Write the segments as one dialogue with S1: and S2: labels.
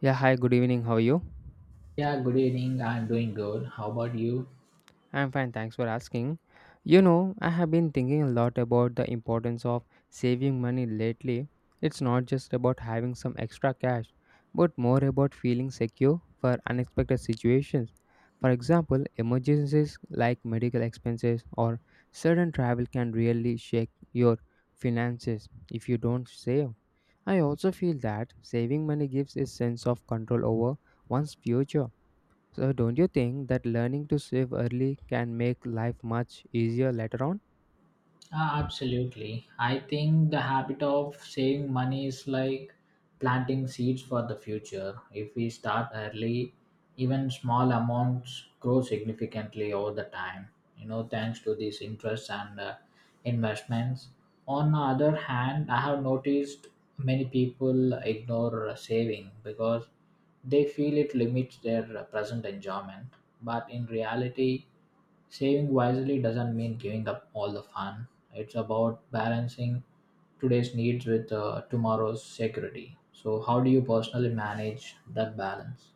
S1: Yeah, hi, good evening. How are you?
S2: Yeah, good evening. I'm doing good. How about you?
S1: I'm fine, thanks for asking. I have been thinking a lot about the importance of saving money lately. It's not just about having some extra cash, but more about feeling secure for unexpected situations. For example, emergencies like medical expenses or sudden travel can really shake your finances if you don't save. I also feel that saving money gives a sense of control over one's future. So, don't you think that learning to save early can make life much easier later on?
S2: Absolutely. I think the habit of saving money is like planting seeds for the future. If we start early, even small amounts grow significantly over the time, you know, thanks to these interests and investments. On the other hand, I have noticed many people ignore saving because they feel it limits their present enjoyment. But in reality, saving wisely doesn't mean giving up all the fun. It's about balancing today's needs with tomorrow's security. So, how do you personally manage that balance?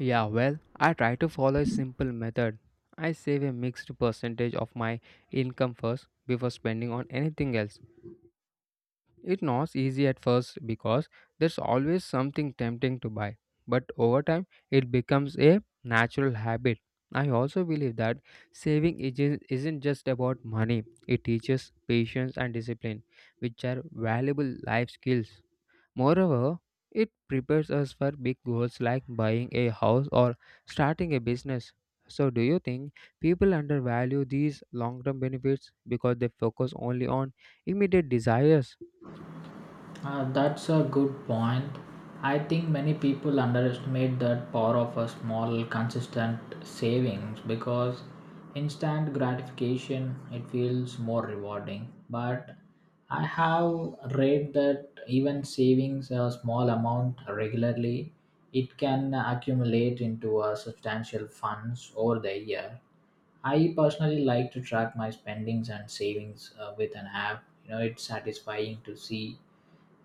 S1: Yeah, well, I try to follow a simple method. I save a mixed percentage of my income first before spending on anything else. It's not easy at first because there's always something tempting to buy, but over time it becomes a natural habit. I also believe that isn't just about money, it teaches patience and discipline, which are valuable life skills. Moreover, it prepares us for big goals like buying a house or starting a business. So, do you think people undervalue these long term benefits because they focus only on immediate desires?
S2: That's a good point. I think many people underestimate that power of a small, consistent savings because instant gratification it feels more rewarding. But I have read that even savings a small amount regularly, it can accumulate into a substantial funds over the year. I personally like to track my spendings and savings with an app. You know, it's satisfying to see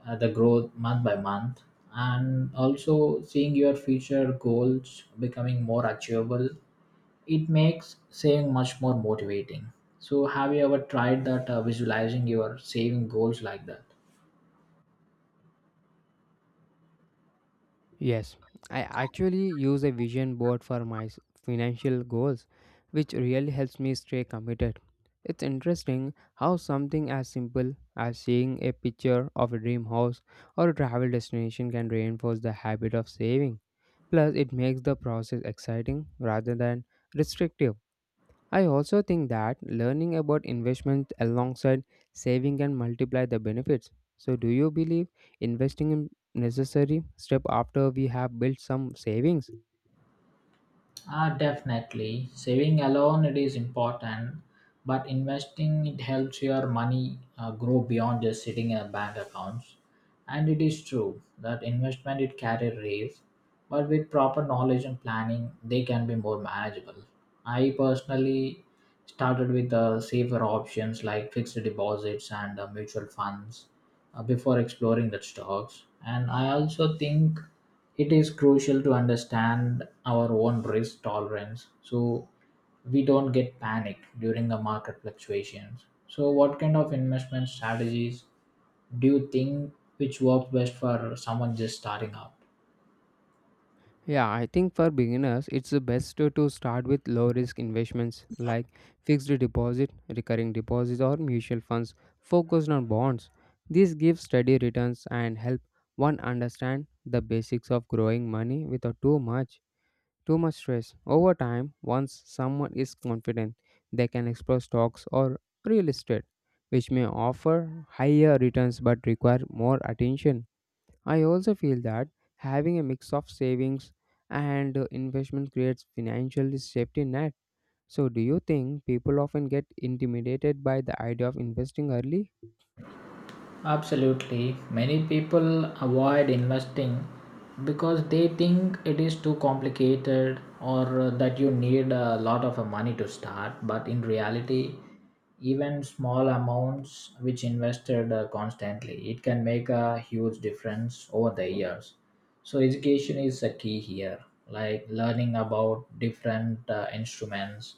S2: the growth month by month, and also seeing your future goals becoming more achievable, it makes saving much more motivating. So have you ever tried that visualizing your saving goals like that?
S1: Yes, I actually use a vision board for my financial goals, which really helps me stay committed. It's interesting how something as simple as seeing a picture of a dream house or a travel destination can reinforce the habit of saving. Plus, it makes the process exciting rather than restrictive. I also think that learning about investment alongside saving can multiply the benefits. So, do you believe investing in necessary step after we have built some savings?
S2: Definitely. Saving alone it is important, but investing it helps your money grow beyond just sitting in a bank accounts. And it is true that investment it carry risk, but with proper knowledge and planning, they can be more manageable. I personally started with safer options like fixed deposits and mutual funds before exploring the stocks. And I also think it is crucial to understand our own risk tolerance, so we don't get panicked during the market fluctuations. So, what kind of investment strategies do you think which work best for someone just starting out?
S1: Yeah, I think for beginners, it's the best to start with low risk investments like fixed deposit, recurring deposits, or mutual funds focused on bonds. This gives steady returns and help one understand the basics of growing money without too much stress. Over time, once someone is confident, they can explore stocks or real estate, which may offer higher returns but require more attention. I also feel that having a mix of savings and investment creates financial safety net. So, do you think people often get intimidated by the idea of investing early?
S2: Absolutely. Many people avoid investing because they think it is too complicated, or that you need a lot of money to start. But in reality, even small amounts which invested constantly, it can make a huge difference over the years. So education is a key here, like learning about different instruments,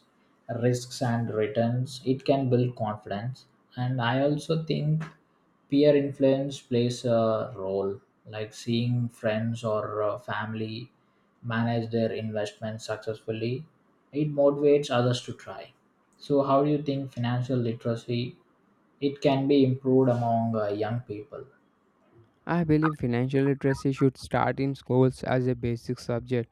S2: risks, and returns, it can build confidence. And I also think peer influence plays a role, like seeing friends or family manage their investments successfully, it motivates others to try. So how do you think financial literacy it can be improved among young people?
S1: I believe financial literacy should start in schools as a basic subject.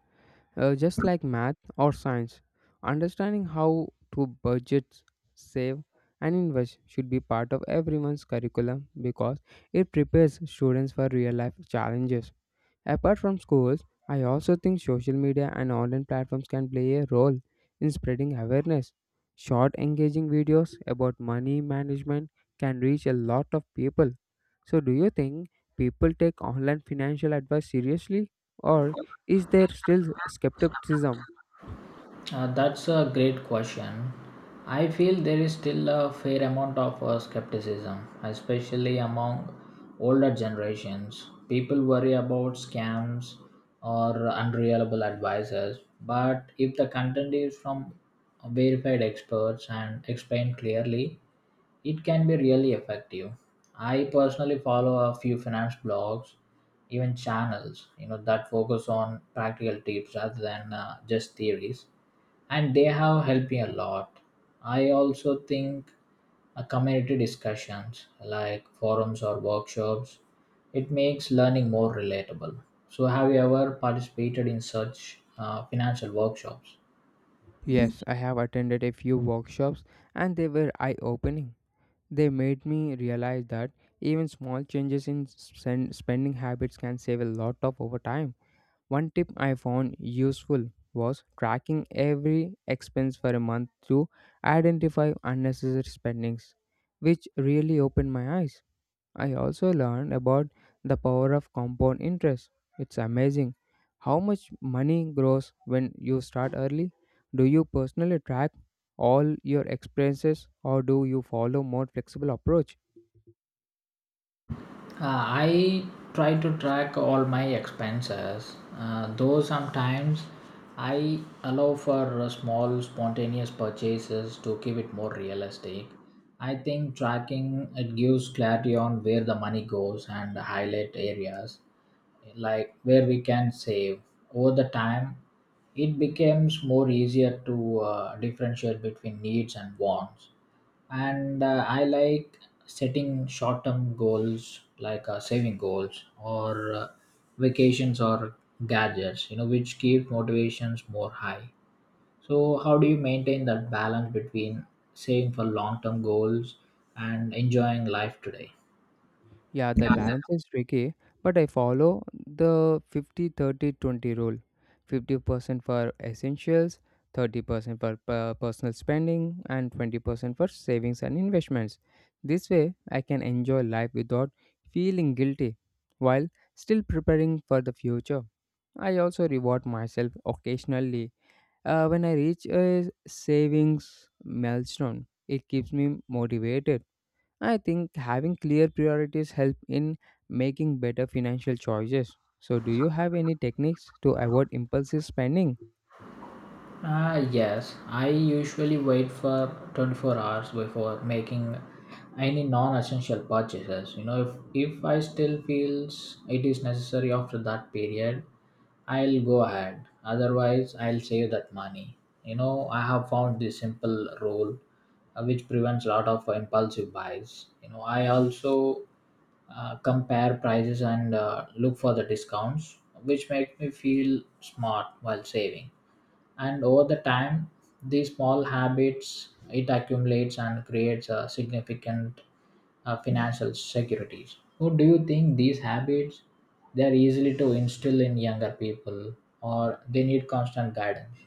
S1: Just like math or science, understanding how to budget, save, and invest should be part of everyone's curriculum because it prepares students for real life challenges. Apart from schools, I also think social media and online platforms can play a role in spreading awareness. Short, engaging videos about money management can reach a lot of people. So, do you think people take online financial advice seriously, or is there still skepticism?
S2: That's a great question. I feel there is still a fair amount of skepticism, especially among older generations. People worry about scams or unreliable advices, but if the content is from verified experts and explained clearly, it can be really effective. I personally follow a few finance blogs, even channels, you know, that focus on practical tips rather than just theories, and they have helped me a lot. I also think a community discussions like forums or workshops, it makes learning more relatable. So have you ever participated in such financial workshops?
S1: Yes, I have attended a few workshops and they were eye opening. They made me realize that even small changes in spending habits can save a lot of over time. One tip I found useful was tracking every expense for a month to identify unnecessary spendings, which really opened my eyes. I also learned about the power of compound interest. It's amazing how much money grows when you start early. Do you personally track all your expenses or do you follow more flexible approach?
S2: I try to track all my expenses, though sometimes I allow for small spontaneous purchases to keep it more realistic. I think tracking it gives clarity on where the money goes and highlight areas like where we can save. Over the time, it becomes more easier to differentiate between needs and wants. And I like setting short term goals like saving goals or vacations or gadgets, you know which keep motivations more high. So how do you maintain that balance between saving for long term goals and enjoying life today?
S1: Yeah, that
S2: Yeah.
S1: balance is tricky, but I follow the 50 30 20 rule: 50% for essentials, 30% for personal spending, and 20% for savings and investments. This way, I can enjoy life without feeling guilty while still preparing for the future. I also reward myself occasionally when I reach a savings milestone. It keeps me motivated. I think having clear priorities help in making better financial choices. So do you have any techniques to avoid impulsive spending?
S2: Yes, I usually wait for 24 hours before making any non-essential purchases. You know, if I still feels it is necessary after that period, I'll go ahead. Otherwise, I'll save that money. You know, I have found this simple rule which prevents a lot of impulsive buys. You know, I also compare prices and look for the discounts, which make me feel smart while saving. And over the time these small habits it accumulates and creates a significant financial securities. So do you think these habits they are easily to instill in younger people, or they need constant guidance?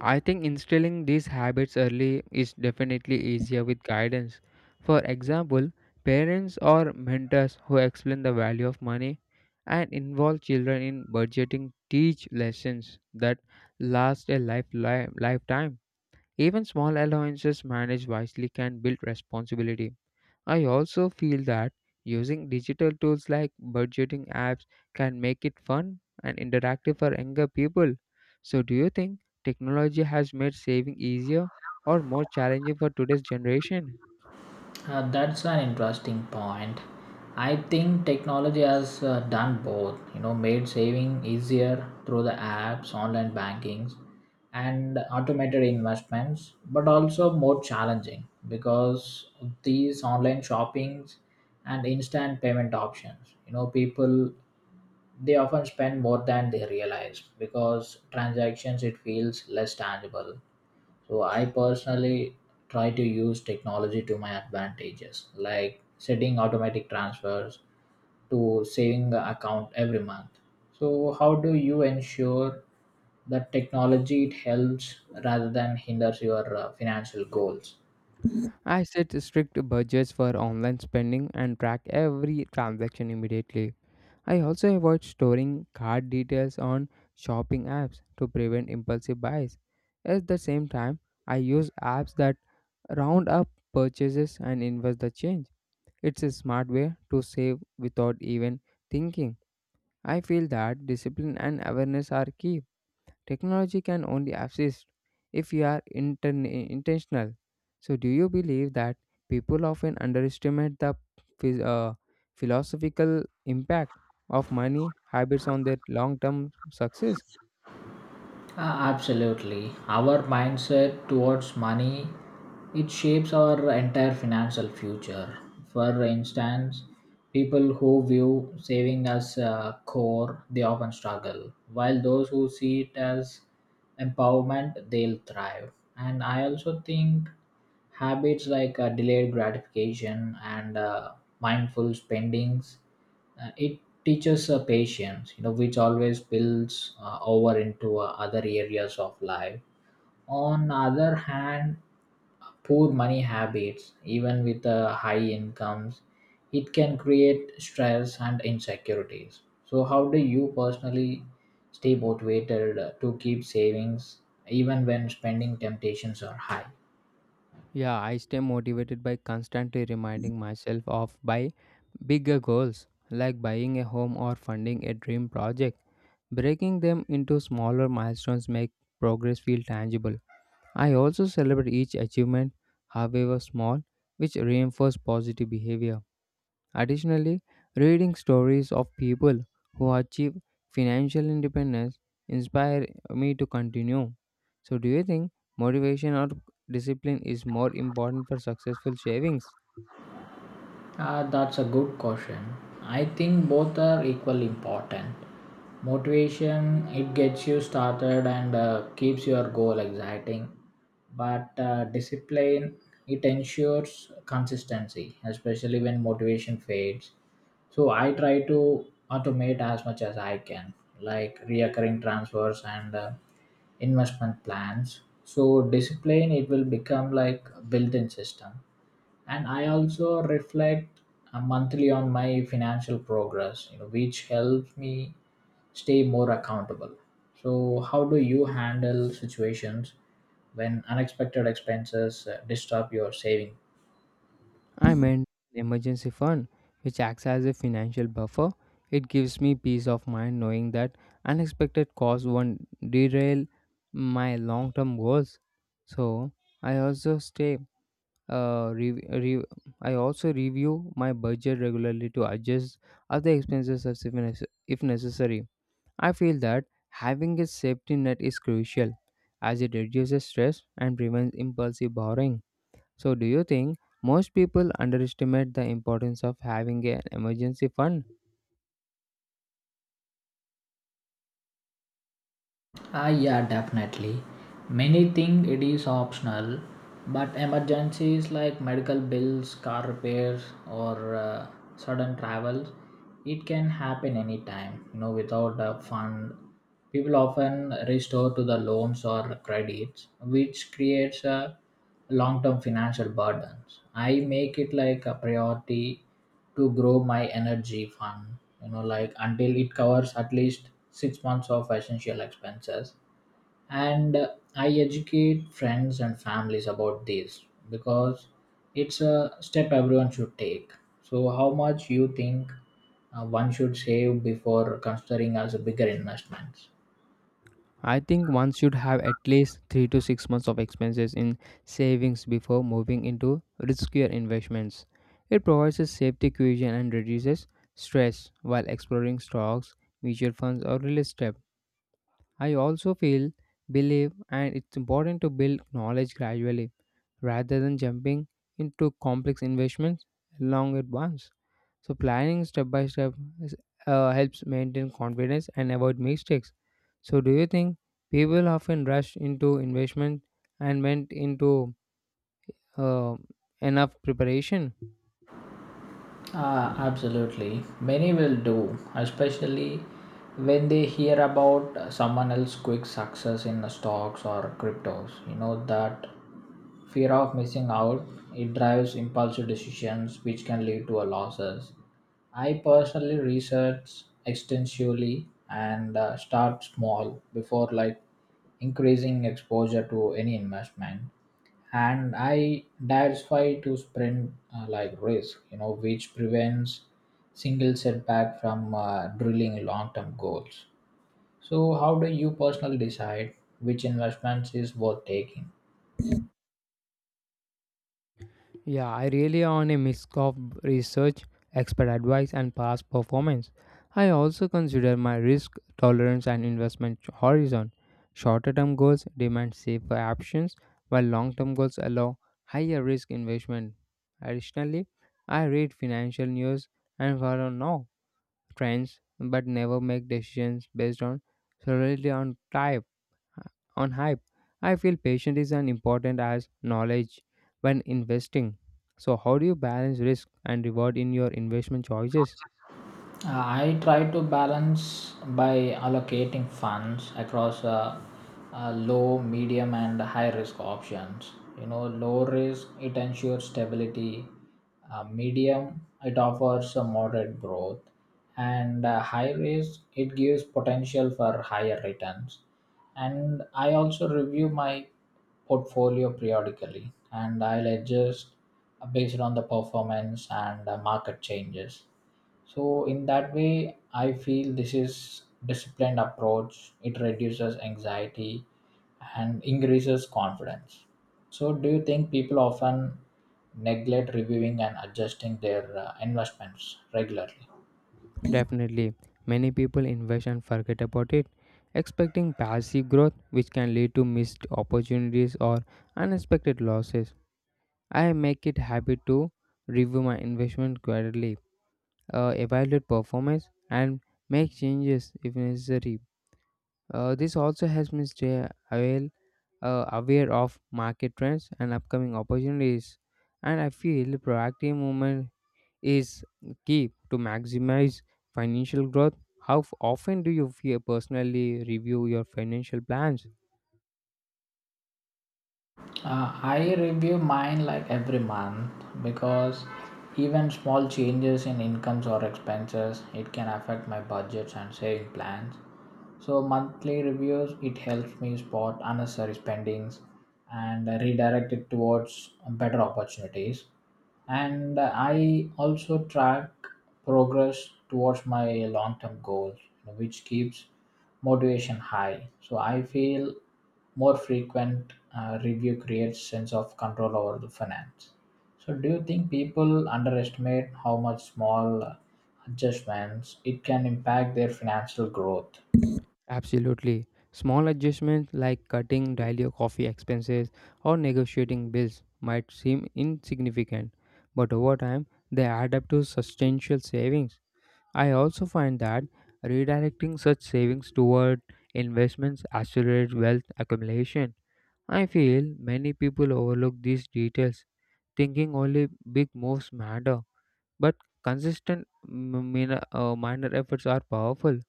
S1: I think instilling these habits early is definitely easier with guidance. For example, parents or mentors who explain the value of money and involve children in budgeting teach lessons that last a lifetime. Even small allowances managed wisely can build responsibility. I also feel that using digital tools like budgeting apps can make it fun and interactive for younger people. So, do you think technology has made saving easier or more challenging for today's generation?
S2: That's an interesting point. I think technology has done both, you know, made saving easier through the apps, online bankings, and automated investments, but also more challenging because of these online shoppings and instant payment options. You know, people they often spend more than they realize because transactions it feels less tangible. So I personally try to use technology to my advantages, like setting automatic transfers to saving account every month. So how do you ensure that technology it helps rather than hinders your financial goals?
S1: I set strict budgets for online spending and track every transaction immediately. I also avoid storing card details on shopping apps to prevent impulsive buys. At the same time, I use apps that round up purchases and invest the change. It's a smart way to save without even thinking. I feel that discipline and awareness are key. Technology can only assist if you are intentional. So, do you believe that people often underestimate the phys- uh, philosophical impact of money habits on their long term success?
S2: Uh, Absolutely. Our mindset towards money it shapes our entire financial future. For instance, people who view saving as a core, they often struggle, while those who see it as empowerment, they'll thrive. And I also think habits like delayed gratification and mindful spendings it teaches patience, you know, which always builds over into other areas of life. On the other hand, poor money habits, even with high incomes, it can create stress and insecurities. So, how do you personally stay motivated to keep savings even when spending temptations are high?
S1: Yeah, I stay motivated by constantly reminding myself of by bigger goals like buying a home or funding a dream project. Breaking them into smaller milestones make progress feel tangible. I also celebrate each achievement, however small, which reinforce positive behavior. Additionally, reading stories of people who achieve financial independence inspire me to continue. So, do you think motivation or discipline is more important for successful savings?
S2: That's a good question. I think both are equally important. Motivation, it gets you started and keeps your goal exciting. But discipline, it ensures consistency, especially when motivation fades. So I try to automate as much as I can, like reoccurring transfers and investment plans. So discipline, it will become like a built-in system. And I also reflect monthly on my financial progress, you know which helps me stay more accountable. So how do you handle situations when unexpected expenses disturb your saving?
S1: I meant an emergency fund, which acts as a financial buffer. It gives me peace of mind knowing that unexpected costs won't derail my long term goals. So, I also Uh, re- re- I also review my budget regularly to adjust other expenses as if, nece- if necessary. I feel that having a safety net is crucial as it reduces stress and prevents impulsive borrowing. So, do you think most people underestimate the importance of having an emergency fund?
S2: Yeah, definitely. Many think it is optional, but emergencies like medical bills, car repairs, or sudden travels, it can happen anytime. You know, without a fund, people often restore to the loans or credits, which creates a long-term financial burdens. I make it like a priority to grow my energy fund, you know like until it covers at least 6 months of essential expenses. And I educate friends and families about this because it's a step everyone should take. So how much you think one should save before considering as a bigger investments?
S1: I think one should have at least 3 to 6 months of expenses in savings before moving into riskier investments. It provides a safety cushion and reduces stress while exploring stocks, mutual funds, or real estate. I also believe, and it's important to build knowledge gradually rather than jumping into complex investments long at once. So, planning step by step is- helps maintain confidence and avoid mistakes. So, do you think people often rush into investment and went into uh, enough preparation?
S2: Absolutely. Many will do, especially when they hear about someone else's quick success in the stocks or cryptos. You know, that fear of missing out, it drives impulsive decisions which can lead to a losses. I personally research extensively and start small before like increasing exposure to any investment. And I diversify to sprint like risk, you know, which prevents single setback from drilling long-term goals. So, how do you personally decide which investments is worth taking?
S1: Yeah, I really on a mix of research, expert advice, and past performance. I also consider my risk tolerance and investment horizon. Shorter term goals demand safer options, while long term goals allow higher risk investment. Additionally, I read financial news and follow now trends but never make decisions based on solely on time on hype. I feel patience is as important as knowledge when investing. So, how do you balance risk and reward in your investment choices?
S2: I try to balance by allocating funds across low, medium, and high risk options. You know, low risk it ensures stability, medium it offers a moderate growth, and high risk it gives potential for higher returns. And I also review my portfolio periodically, and I'll adjust based on the performance and market changes. So in that way, I feel this is disciplined approach. It reduces anxiety and increases confidence. So do you think people often neglect reviewing and adjusting their investments regularly?
S1: Definitely, many people invest and forget about it, expecting passive growth, which can lead to missed opportunities or unexpected losses. I make it habit to review my investment quarterly, evaluate performance, and make changes if necessary. This also helps me stay aware of market trends and upcoming opportunities. And I feel proactive movement is key to maximize financial growth. How often do you feel personally review your financial plans?
S2: I review mine like every month, because even small changes in incomes or expenses it can affect my budgets and saving plans. So monthly reviews it helps me spot unnecessary spendings and redirect it towards better opportunities. And I also track progress towards my long term goals, which keeps motivation high. So I feel more frequent review creates sense of control over the finance. So do you think people underestimate how much small adjustments it can impact their financial growth?
S1: Absolutely. Small adjustments like cutting daily coffee expenses or negotiating bills might seem insignificant, but over time they add up to substantial savings. I also find that redirecting such savings toward investments accelerates wealth accumulation. I feel many people overlook these details, thinking only big moves matter. But minor efforts are powerful.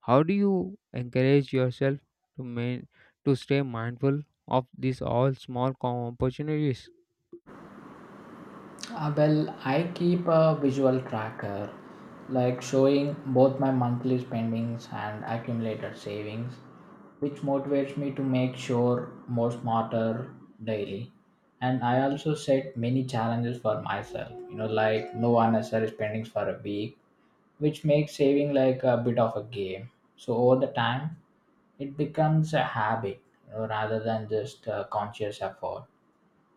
S1: How do you encourage yourself to main, to stay mindful of these all opportunities?
S2: Well, I keep a visual tracker, like showing both my monthly spendings and accumulated savings, which motivates me to make sure more smarter daily. And I also set many challenges for myself, you know, like no unnecessary spendings for a week, which makes saving like a bit of a game. So over the time, it becomes a habit, you know, rather than just a conscious effort.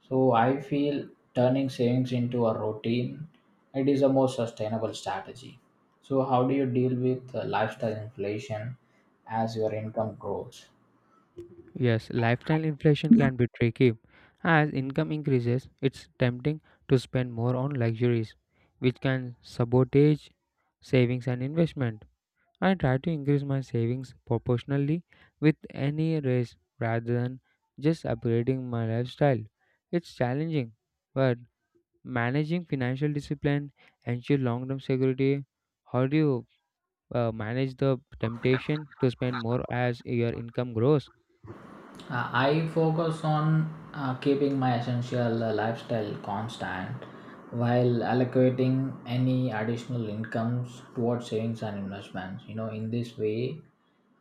S2: So I feel turning savings into a routine, it is a more sustainable strategy. So how do you deal with lifestyle inflation as your income grows?
S1: Yes, lifestyle inflation can be tricky. As income increases, it's tempting to spend more on luxuries, which can sabotage savings and investment. I try to increase my savings proportionally with any raise rather than just upgrading my lifestyle. It's challenging, but managing financial discipline ensures long term security. How do you manage the temptation to spend more as your income grows?
S2: Uh, I focus on keeping my essential lifestyle constant while allocating any additional incomes towards savings and investments. You know, in this way,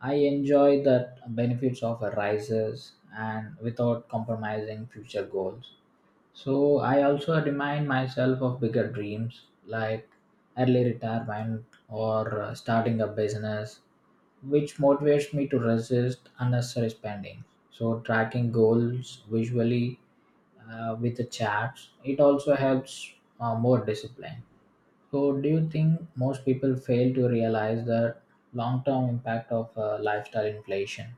S2: I enjoy the benefits of a rises and without compromising future goals. So I also remind myself of bigger dreams like early retirement or starting a business, which motivates me to resist unnecessary spending. So tracking goals visually with the charts, it also helps more discipline. So do you think most people fail to realize the long-term impact of lifestyle inflation?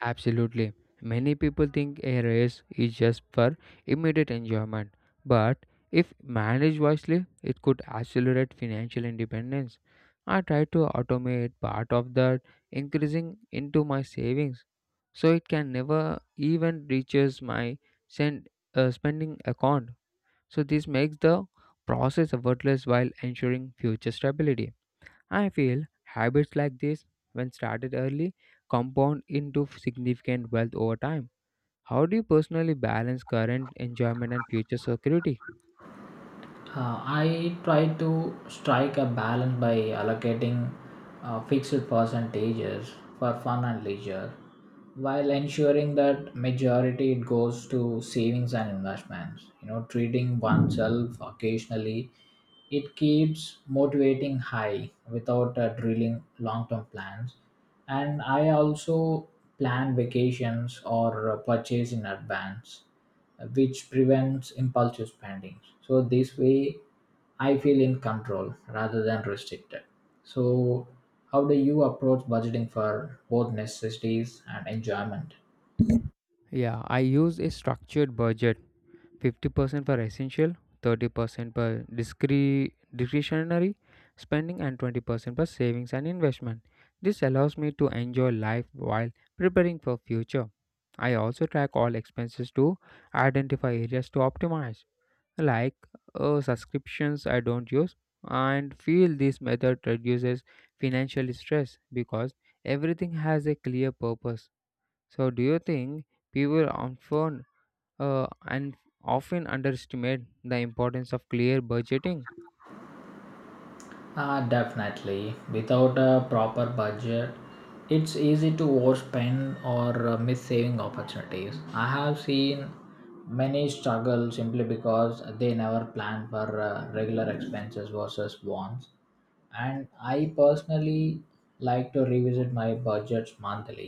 S1: Absolutely. Many people think a race is just for immediate enjoyment, but if managed wisely, it could accelerate financial independence. I try to automate part of that increasing into my savings so it can never even reaches my send, spending account. So this makes the process effortless while ensuring future stability. I feel habits like this, when started early, compound into significant wealth over time. How do you personally balance current enjoyment and future security?
S2: I try to strike a balance by allocating fixed percentages for fun and leisure while ensuring that majority it goes to savings and investments, you know, treating oneself occasionally. It keeps motivating high without drilling long term plans, and I also plan vacations or purchase in advance, which prevents impulsive spending. So this way, I feel in control rather than restricted. So, how do you approach budgeting for both necessities and enjoyment?
S1: Yeah, I use a structured budget: 50% for essential, 30% for discretionary spending, and 20% for savings and investment. This allows me to enjoy life while preparing for future. I also track all expenses to identify areas to optimize, like subscriptions I don't use, and feel this method reduces financial stress because everything has a clear purpose. So do you think people often and often underestimate the importance of clear budgeting?
S2: Ah, definitely. Without a proper budget, it's easy to overspend or miss saving opportunities. I have seen many struggle simply because they never plan for regular expenses versus wants. And I personally like to revisit my budgets monthly,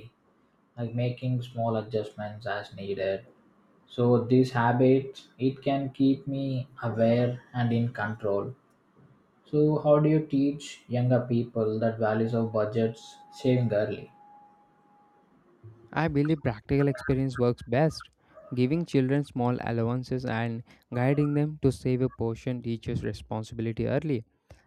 S2: like making small adjustments as needed. So this habit, it can keep me aware and in control. So how do you teach younger people that values of budgets saving early?
S1: I believe practical experience works best. Giving children small allowances and guiding them to save a portion teaches responsibility early.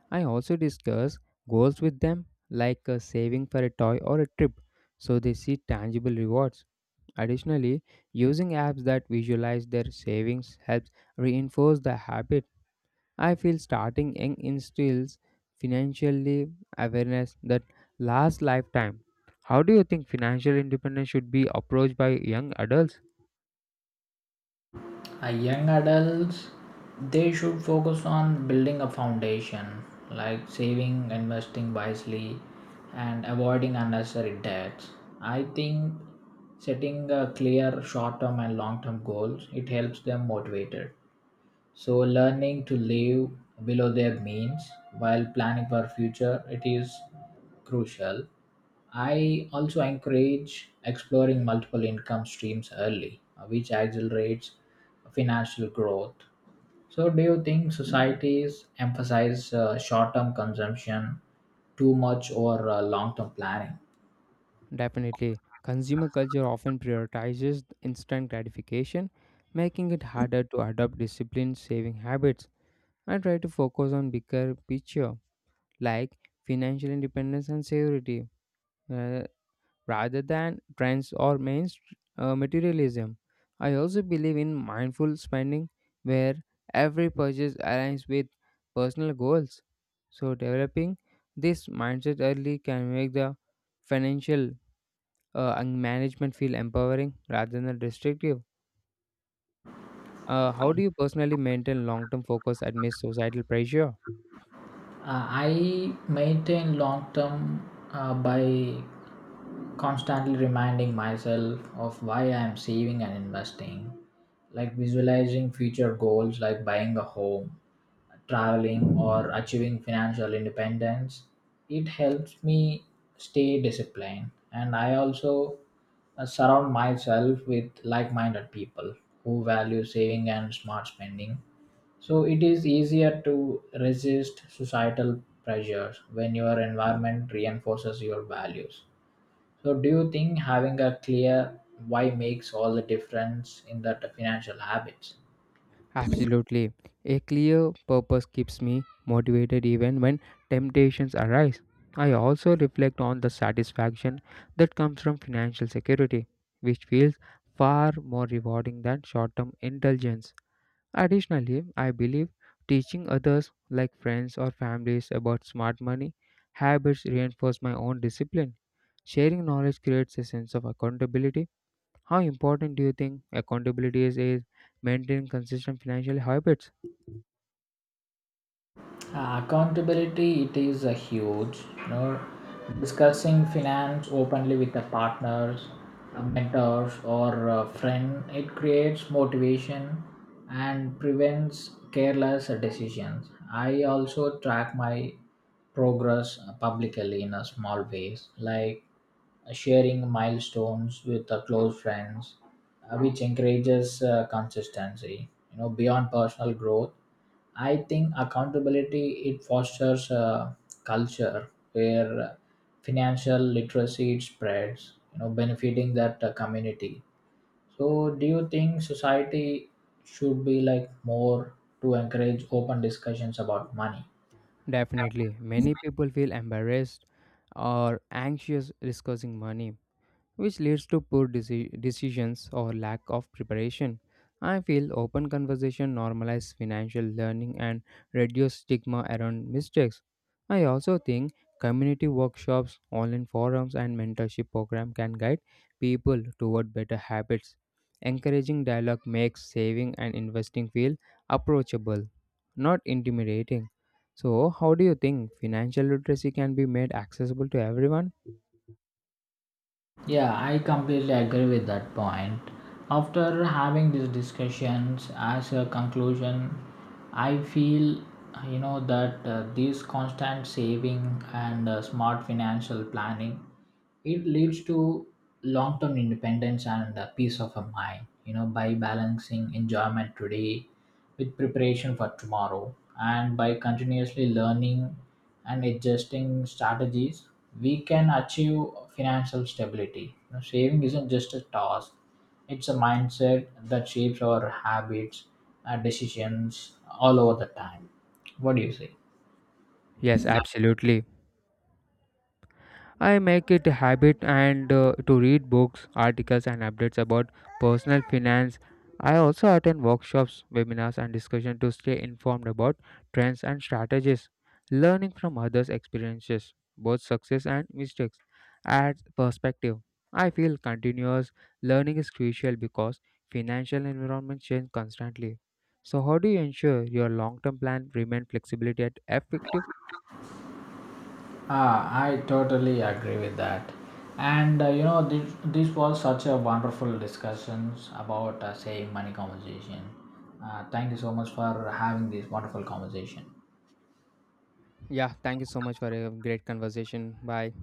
S1: I also discuss goals with them, like saving for a toy or a trip, so they see tangible rewards. Additionally, using apps that visualize their savings helps reinforce the habit. I feel starting young instills financially awareness that lasts lifetime. How do you think financial independence should be approached by young adults?
S2: Young adults, they should focus on building a foundation, like saving, investing wisely, and avoiding unnecessary debts. I think setting a clear short term and long term goals, it helps them motivated. So learning to live below their means while planning for future, it is crucial. I also encourage exploring multiple income streams early, which accelerates financial growth. So, do you think societies emphasize short term consumption too much or long term planning?
S1: Definitely. Consumer culture often prioritizes instant gratification, making it harder to adopt disciplined saving habits. I try to focus on bigger picture like financial independence and security uh, rather than trends or main materialism. I also believe in mindful spending where every purchase aligns with personal goals. So developing this mindset early can make the financial and management feel empowering rather than restrictive? How do you personally maintain long term focus amidst societal pressure?
S2: I maintain long term by constantly reminding myself of why I am saving and investing, like visualizing future goals like buying a home, traveling, or achieving financial independence. It helps me stay disciplined, and I also surround myself with like minded people who value saving and smart spending. So it is easier to resist societal pressures when your environment reinforces your values. So do you think having a clear why makes all the difference in the financial habits?
S1: Absolutely. A clear purpose keeps me motivated even when temptations arise. I also reflect on the satisfaction that comes from financial security, which feels far more rewarding than short term indulgence. Additionally, I believe teaching others, like friends or families, about smart money habits reinforce my own discipline. Sharing knowledge creates a sense of accountability. How important do you think accountability is maintaining consistent financial habits?
S2: Accountability, it is a huge, you know, discussing finance openly with the partners, mentors or a friend, it creates motivation and prevents careless decisions. I also track my progress publicly in a small ways, like sharing milestones with the close friends, which encourages consistency, you know, beyond personal growth. I think accountability, it fosters a culture where financial literacy it spreads, you know, benefiting that community. So, do you think society should be like more to encourage open discussions about money?
S1: Definitely, many people feel embarrassed or anxious discussing money which leads to poor decisions or lack of preparation. I feel open conversation normalize financial learning and reduce stigma around mistakes. I also think community workshops, online forums, and mentorship program can guide people toward better habits. Encouraging dialogue makes saving and investing feel approachable, not intimidating. So, how do you think financial literacy can be made accessible to everyone?
S2: Yeah, I completely agree with that point. After having these discussions, as a conclusion, I feel, you know, that this constant saving and smart financial planning, it leads to long-term independence and peace of a mind, you know, by balancing enjoyment today with preparation for tomorrow, and by continuously learning and adjusting strategies we can achieve financial stability. You know, saving isn't just a task, it's a mindset that shapes our habits and decisions all over the time. What do you say?
S1: Yes, absolutely. I make it a habit and to read books, articles and updates about personal finance. I also attend workshops, webinars and discussions to stay informed about trends and strategies, learning from others' experiences, both success and mistakes. Adds perspective. I feel continuous learning is crucial because financial environments change constantly. So how do you ensure your long-term plan remain flexibility at effective?
S2: Ah, I totally agree with that. And you know, this was such a wonderful discussions about saving money conversation. Thank you so much for having this wonderful conversation.
S1: Yeah, thank you so much for a great conversation. Bye.